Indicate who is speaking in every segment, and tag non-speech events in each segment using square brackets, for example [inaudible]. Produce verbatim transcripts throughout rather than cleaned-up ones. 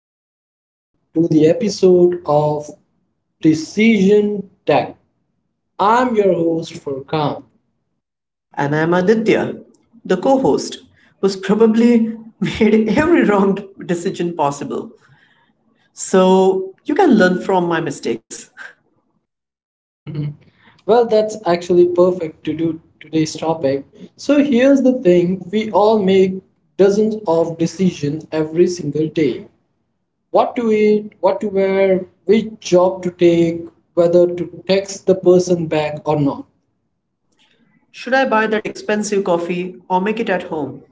Speaker 1: welcome to the episode of Precision Tech. I'm your host Furkan.
Speaker 2: And I'm Aditya, the co host, who's probably [laughs] made every wrong decision possible. So you can learn from my mistakes.
Speaker 1: Well, that's actually perfect to do today's topic. So here's the thing, we all make dozens of decisions every single day. What to eat, what to wear, which job to take, whether to text the person back or not.
Speaker 2: Should I buy that expensive coffee or make it at home?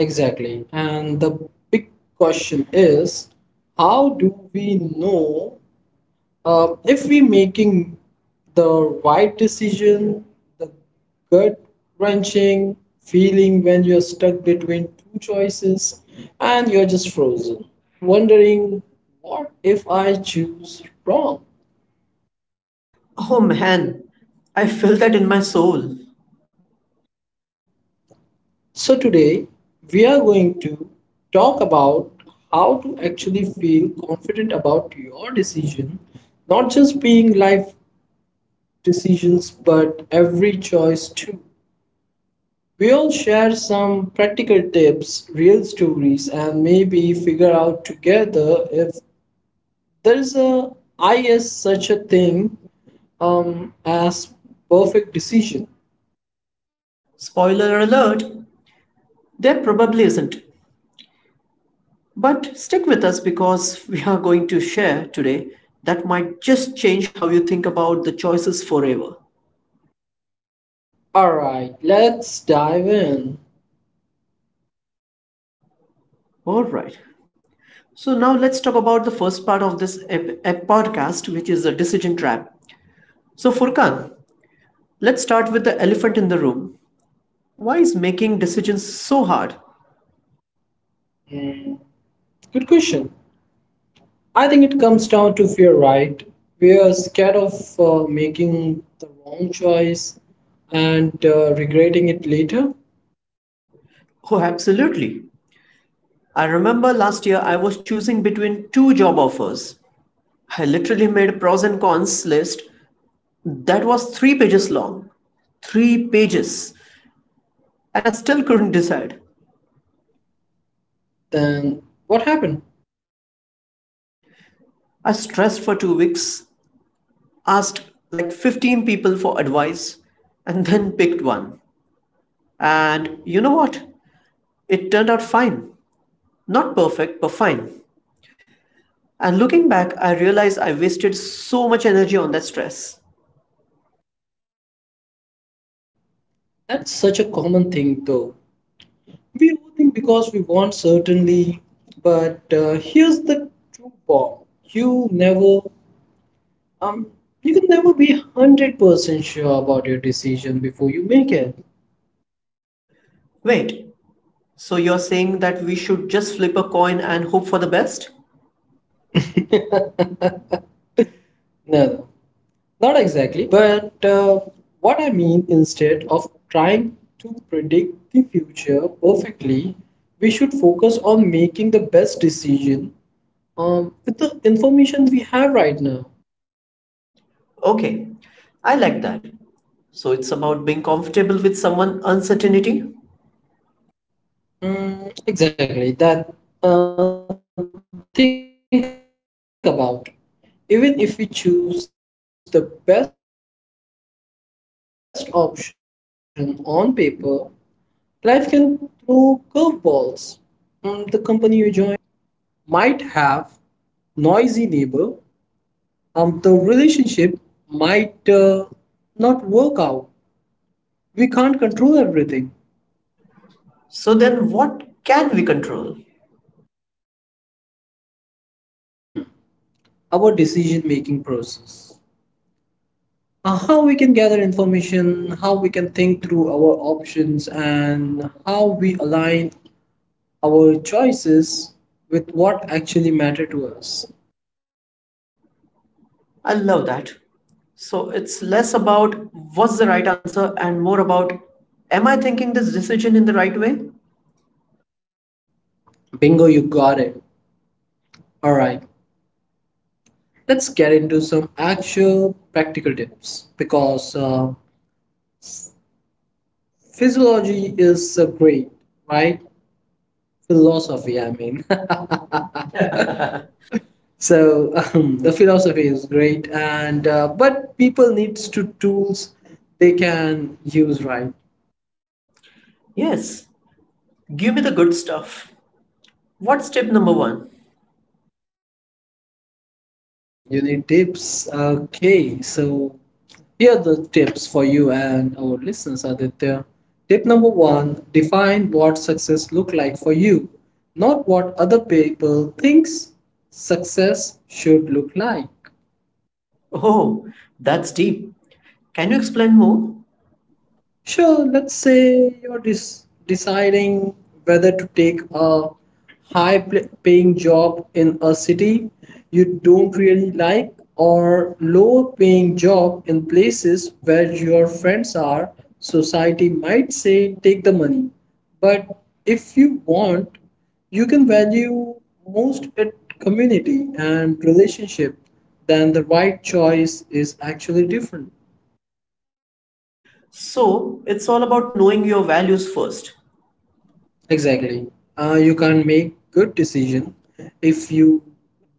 Speaker 1: Exactly. And the big question is, how do we know uh, if we're making the right decision, the gut wrenching feeling when you're stuck between two choices and you're just frozen, wondering, what if I choose wrong?
Speaker 2: Oh man, I feel that in my soul.
Speaker 1: So, today we are going to talk about how to actually feel confident about your decision, not just being life decisions, but every choice too. We all share some practical tips, real stories, and maybe figure out together if there's a I is such a thing um, as perfect decision.
Speaker 2: Spoiler alert, there probably isn't. But stick with us because we are going to share today that might just change how you think about the choices forever.
Speaker 1: All right, let's dive in.
Speaker 2: Alright. So now let's talk about the first part of this ep- ep- podcast, which is a decision trap. So Furkan, let's start with the elephant in the room. Why is making decisions so hard?
Speaker 1: Hmm, Good question. I think it comes down to fear, right? We are scared of uh, making the wrong choice and uh, regretting it later.
Speaker 2: Oh, absolutely. I remember last year I was choosing between two job offers. I literally made a pros and cons list that was three pages long. Three pages. And I still couldn't decide.
Speaker 1: Then what happened?
Speaker 2: I stressed for two weeks, asked like fifteen people for advice, and then picked one. And you know what? It turned out fine. Not perfect, but fine. And looking back, I realized I wasted so much energy on that stress.
Speaker 1: That's such a common thing, though. We overthink because we want certainty, but uh, here's the true bomb: you never, um, you can never be hundred percent sure about your decision before you make it.
Speaker 2: Wait, so you're saying that we should just flip a coin and hope for the best?
Speaker 1: Never. Not exactly, but uh, what I mean instead of trying to predict the future perfectly, we should focus on making the best decision um, with the information we have right now.
Speaker 2: Okay, I like that. So it's about being comfortable with someone uncertainty?
Speaker 1: Mm, exactly, that uh, think about. Even if we choose the best option on paper, life can throw curveballs. Mm, the company you join might get sold, your dream apartment might have noisy neighbor, um, the relationship might uh, not work out. We can't control everything.
Speaker 2: So then what can we control?
Speaker 1: Hmm. Our decision making process. Uh, how we can gather information, how we can think through our options, and how we align our choices with what actually matter to us.
Speaker 2: I love that. So it's less about what's the right answer and more about am I thinking this decision in the right way?
Speaker 1: Bingo, you got it. All right, let's get into some actual practical tips because uh, physiology is uh, great right philosophy I mean [laughs] so um, the philosophy is great and uh, but people needs to tools they can use, right?
Speaker 2: Yes, give me the good stuff. What's step number one?
Speaker 1: Mm, you need tips, okay, so here are the tips for you and our listeners, Aditya. Tip number one, define what success look like for you, not what other people thinks success should look like.
Speaker 2: Oh, that's deep. Can you explain more?
Speaker 1: Sure, let's say you're des- deciding whether to take a high pl- paying job in a city you don't really like or low paying job in places where your friends are. Society might say take the money, but if you want, you can value most at community and relationship, then the right choice is actually different.
Speaker 2: So, it's all about knowing your values first.
Speaker 1: Exactly. Uh, you can't make good decision if you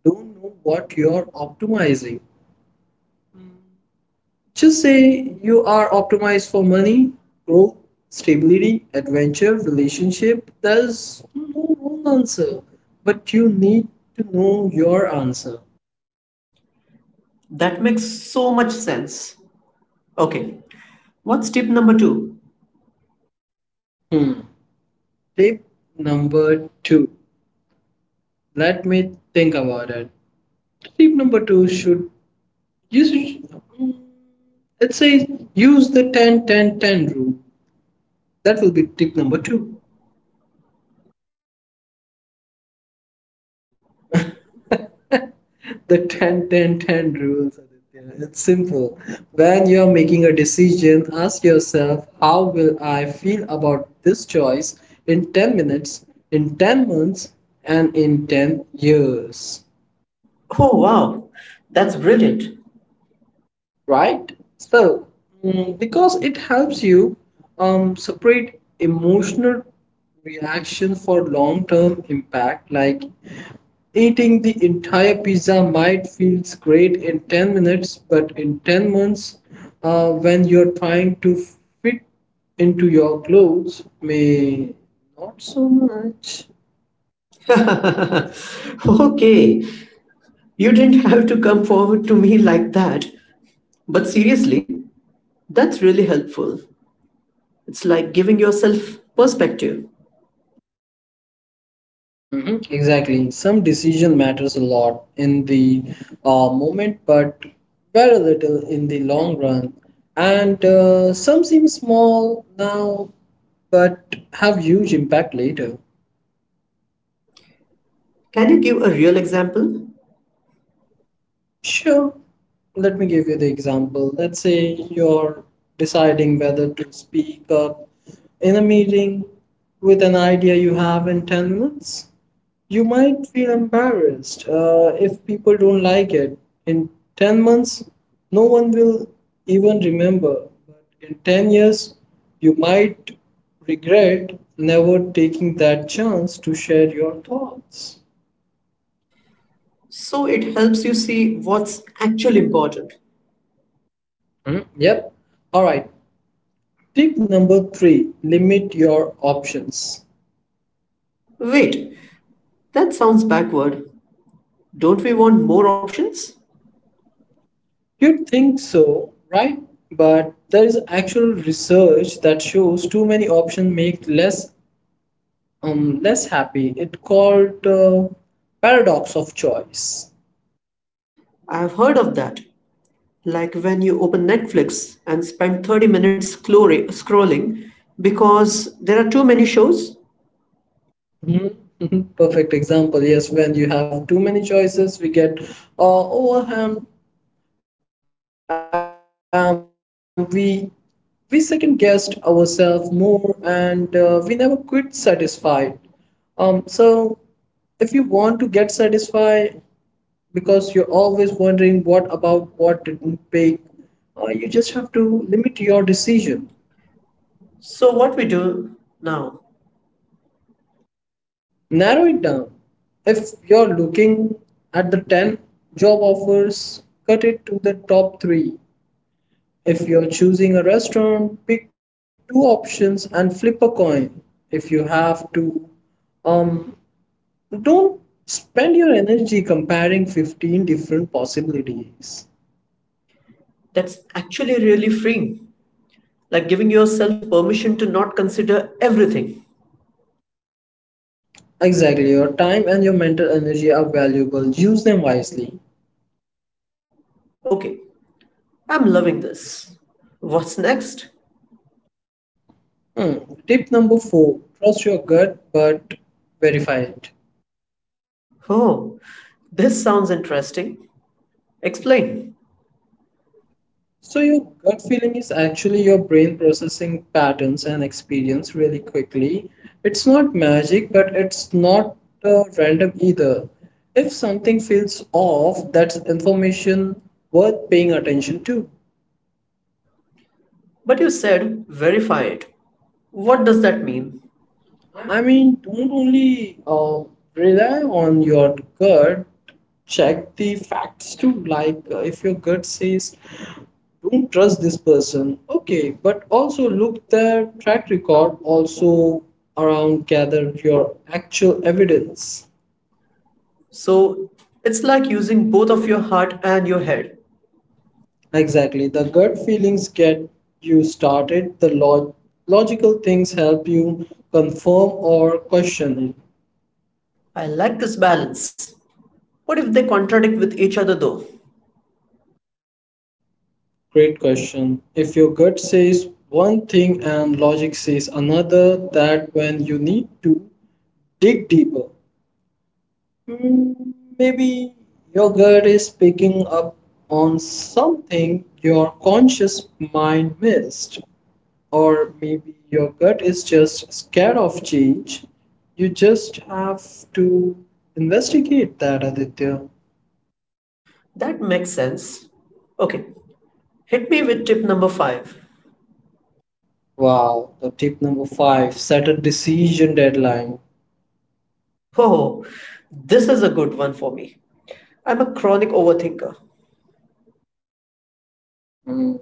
Speaker 1: don't know what you're optimizing. Just say you are optimized for money, growth, stability, adventure, relationship. There's no wrong answer, but you need to know your answer.
Speaker 2: That makes so much sense. Okay, what's tip number two?
Speaker 1: Hmm. Tip number two. Let me think about it. Tip number two should you should, mm, it says use the ten ten ten rule. That will be tip number two. The ten, ten, ten rules, it's simple. When you're making a decision, ask yourself, how will I feel about this choice in ten minutes, in ten months, and in ten years?
Speaker 2: Oh, wow, that's brilliant.
Speaker 1: Right? So, mm, because it helps you um, separate emotional reaction for long term impact, like eating the entire pizza might feels great in ten minutes, but in ten months, uh, when you're trying to fit into your clothes, may not so much.
Speaker 2: [laughs] Okay, you didn't have to come forward to me like that. But seriously, that's really helpful. It's like giving yourself perspective.
Speaker 1: Mhm, exactly. Some decision matters a lot in the uh, moment, but very little in the long run. And uh, some seem small now, but have huge impact later.
Speaker 2: Can you give a real example?
Speaker 1: Sure. Let me give you the example. Let's say you're deciding whether to speak up in a meeting with an idea you have in ten minutes. You might feel embarrassed uh, if people don't like it. In ten months, no one will even remember. But in ten years, you might regret never taking that chance to share your thoughts.
Speaker 2: So it helps you see what's actually important.
Speaker 1: Hmm. Yep. All right. Tip number three, limit your options.
Speaker 2: Wait, that sounds backward. Don't we want more options?
Speaker 1: You'd think so, right? But there is actual research that shows too many options make less um less happy. It's called uh, paradox of choice.
Speaker 2: I've heard of that. Like when you open Netflix and spend thirty minutes clori- scrolling because there are too many shows.
Speaker 1: Mhm. [laughs] Perfect example. Yes, when you have too many choices, we get uh, overwhelmed. Um, we we second guessed ourselves more, and uh, we never quit satisfied. Um, so if you want to get satisfied because you're always wondering what about what didn't pay, uh, you just have to limit your decision,
Speaker 2: So, what we do now.
Speaker 1: narrow it down. If you're looking at the ten job offers, cut it to the top three. If you're choosing a restaurant, pick two options and flip a coin. If you have to, um, don't spend your energy comparing fifteen different possibilities.
Speaker 2: That's actually really freeing, like giving yourself permission to not consider everything.
Speaker 1: Exactly, your time and your mental energy are valuable. Use them wisely.
Speaker 2: Okay, I'm loving this. What's next?
Speaker 1: Hmm. Tip number four, trust your gut, but verify it.
Speaker 2: Oh, this sounds interesting. Explain.
Speaker 1: So your gut feeling is actually your brain processing patterns and experience really quickly. It's not magic, but it's not uh, random either. If something feels off, that's information worth paying attention to.
Speaker 2: But you said verify it. What does that mean?
Speaker 1: I mean, don't only uh, rely on your gut, check the facts too. Like uh, if your gut says don't trust this person, okay, but also look their track record also around, gather your actual evidence.
Speaker 2: So it's like using both of your heart and your head.
Speaker 1: Exactly, the gut feelings get you started, the log- logical things help you confirm or question it.
Speaker 2: I like this balance. What if they contradict with each other though?
Speaker 1: Great question, if your gut says one thing and logic says another, that when you need to dig deeper. Mm, Maybe your gut is picking up on something your conscious mind missed, or maybe your gut is just scared of change. You just have to investigate that, Aditya.
Speaker 2: That makes sense. Okay, hit me with tip number five. [laughs]
Speaker 1: Wow, the tip number five, set a decision deadline.
Speaker 2: Oh, this is a good one for me. I'm a chronic overthinker.
Speaker 1: Mm,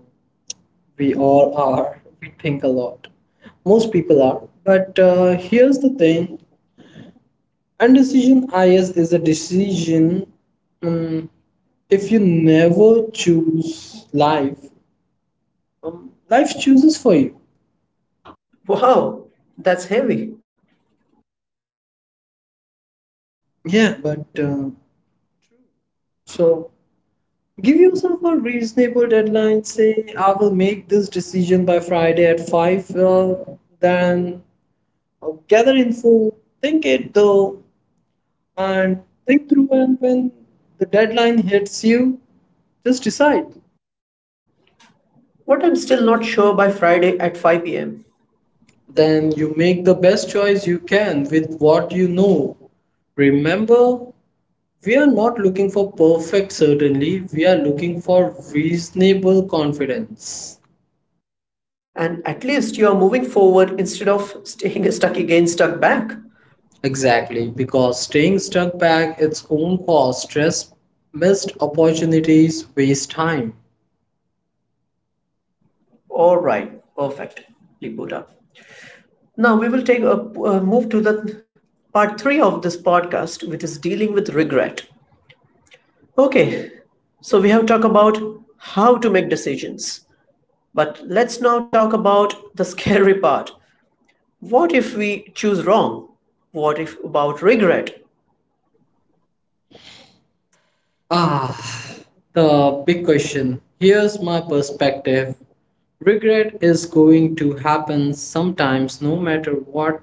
Speaker 1: we all are, we think a lot, most people are, but uh, here's the thing. And decision is is a decision. Um, if you never choose life, um, life chooses for you.
Speaker 2: Wow, that's heavy.
Speaker 1: Yeah, but uh, so give yourself a reasonable deadline. Say, I will make this decision by Friday at five. Uh, then uh, gather info, think it though, and think through. And when the deadline hits you, just decide.
Speaker 2: What I'm still not sure by Friday at five p m.
Speaker 1: Then you make the best choice you can with what you know. Remember, we are not looking for perfect certainty, we are looking for reasonable confidence.
Speaker 2: And at least you're moving forward instead of staying [laughs] stuck again, stuck back.
Speaker 1: Exactly, because staying stuck back its own cause, stress, missed opportunities, waste time.
Speaker 2: All right, perfect. Big boot up. Now we will take a uh, move to the part three of this podcast, which is dealing with regret. Okay, so we have talked about how to make decisions, but let's now talk about the scary part. What if we choose wrong? What if about regret?
Speaker 1: Ah, the big question. Here's my perspective. Regret is going to happen sometimes, no matter what.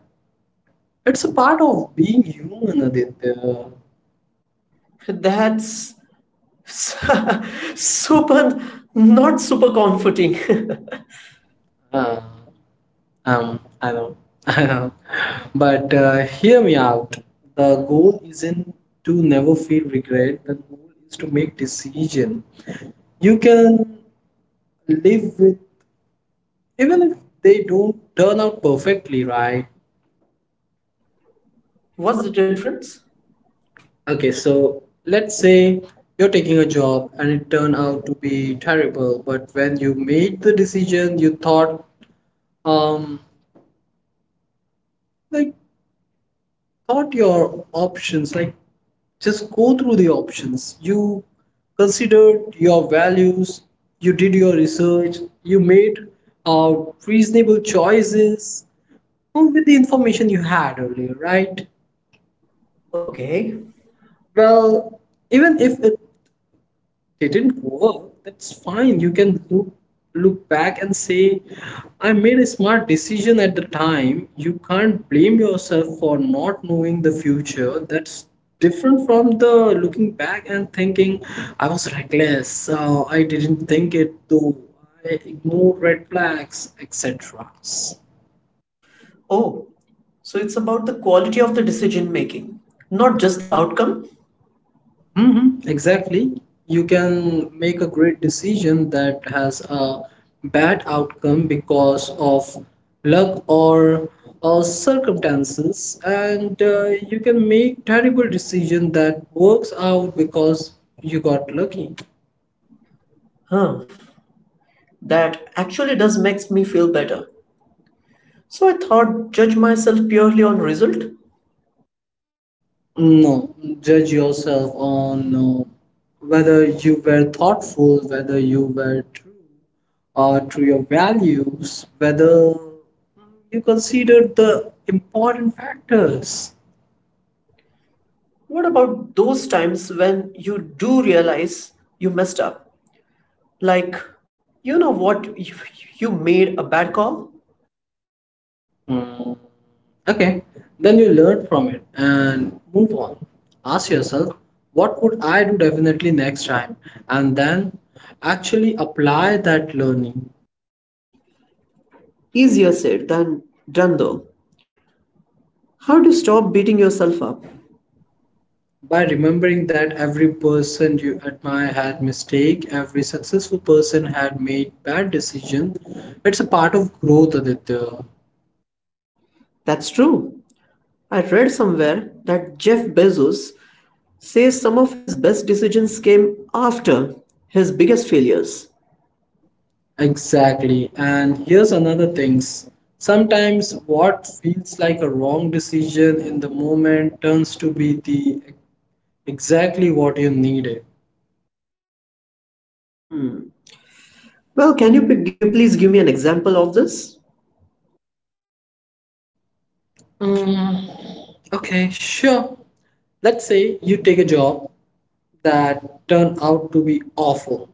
Speaker 1: It's a part of being human, Aditya.
Speaker 2: That's [laughs] super, not super comforting. [laughs]
Speaker 1: Uh, um, I know, [laughs] I know. But uh, hear me out. The goal isn't to never feel regret. The goal is to make decision you can live with, even if they don't turn out perfectly, right?
Speaker 2: What's
Speaker 1: What's
Speaker 2: the
Speaker 1: the difference?
Speaker 2: difference?
Speaker 1: Okay, so let's say you're taking a job and it turned out to be terrible, but when you made the decision, you thought, um, like thought your options, like just go through the options you considered, your values, you did your research, you made uh, reasonable choices with the information you had earlier, right?
Speaker 2: Okay.
Speaker 1: Well, even if it didn't work, that's fine. You can look look back and say, I made a smart decision at the time. You can't blame yourself for not knowing the future. That's different from the looking back and thinking, I was reckless, uh, I didn't think it through, I ignored red flags, et cetera
Speaker 2: Oh, so it's about the quality of the decision making, not just the outcome.
Speaker 1: Hmm, exactly. You can make a great decision that has a bad outcome because of luck or uh, circumstances, and uh, you can make terrible decision that works out because you got lucky.
Speaker 2: Huh, that actually does makes me feel better. So I thought judge myself purely on result.
Speaker 1: No, judge yourself on uh, whether you were thoughtful, whether you were true uh, to your values, whether you considered the important factors.
Speaker 2: What about those times when you do realize you messed up? Like, you know what, you, you made a bad call?
Speaker 1: Mm, Okay, then you learn from it and move on. Ask yourself, what would I do definitely next time? And then actually apply that learning.
Speaker 2: Easier said than done though. How do you stop beating yourself up?
Speaker 1: By remembering that every person you admire had mistake, every successful person had made bad decisions, it's a part of growth, Aditya.
Speaker 2: That's true. I read somewhere that Jeff Bezos says some of his best decisions came after his biggest failures.
Speaker 1: Exactly. And here's another things. Sometimes what feels like a wrong decision in the moment turns to be the exactly what you needed.
Speaker 2: Well, can you p- give, please give me an example of this?
Speaker 1: Mm, okay, sure. Let's say you take a job that turned out to be awful.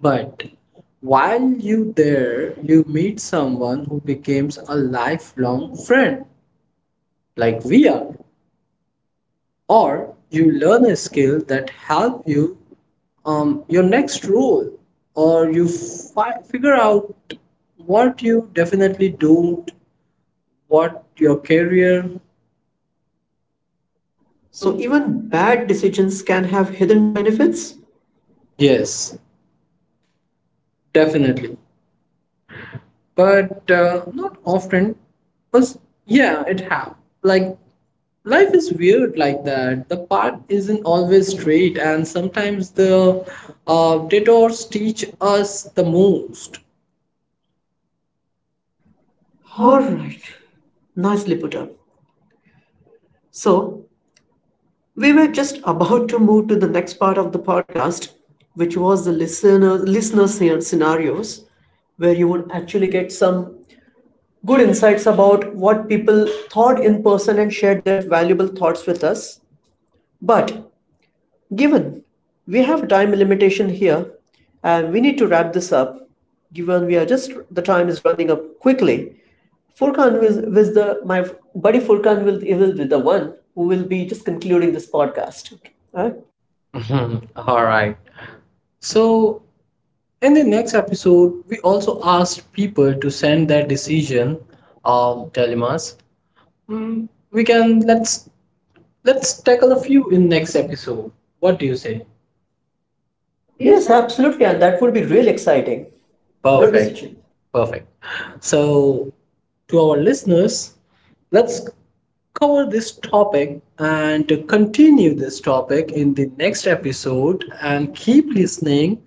Speaker 1: But while you there, you meet someone who becomes a lifelong friend, like we are, or you learn a skill that help you um, your next role, or you fi- figure out what you definitely don't, what your career.
Speaker 2: So, even bad decisions can have hidden benefits?
Speaker 1: Yes, definitely. But uh, not often. But yeah, it have like life is weird like that. The path isn't always straight, and sometimes the uh, detours teach us the most.
Speaker 2: Alright, nicely put up. So, we were just about to move to the next part of the podcast, which was the listener, listener scen- scenarios, where you would actually get some good insights about what people thought in person and shared their valuable thoughts with us. But given we have time limitation here and we need to wrap this up, given we are just the time is running up quickly, Furkan will, with the my buddy Furkan will, will be the one who will be just concluding this podcast. Okay. All right?
Speaker 1: [laughs] Mhm. All right. So, in the next episode, we also asked people to send their decision. Of Telemas. Mm, we can let's let's tackle a few in next episode. What do you say?
Speaker 2: Yes, absolutely, and that would be real exciting. Good. Perfect
Speaker 1: Perfect.
Speaker 2: decision.
Speaker 1: Perfect. So, to our listeners, let's cover this topic and to continue this topic in the next episode and keep listening.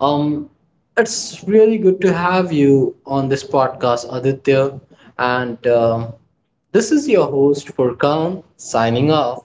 Speaker 1: Um, it's really good to have you on this podcast, Aditya. And um this is your host, Furkan, signing off.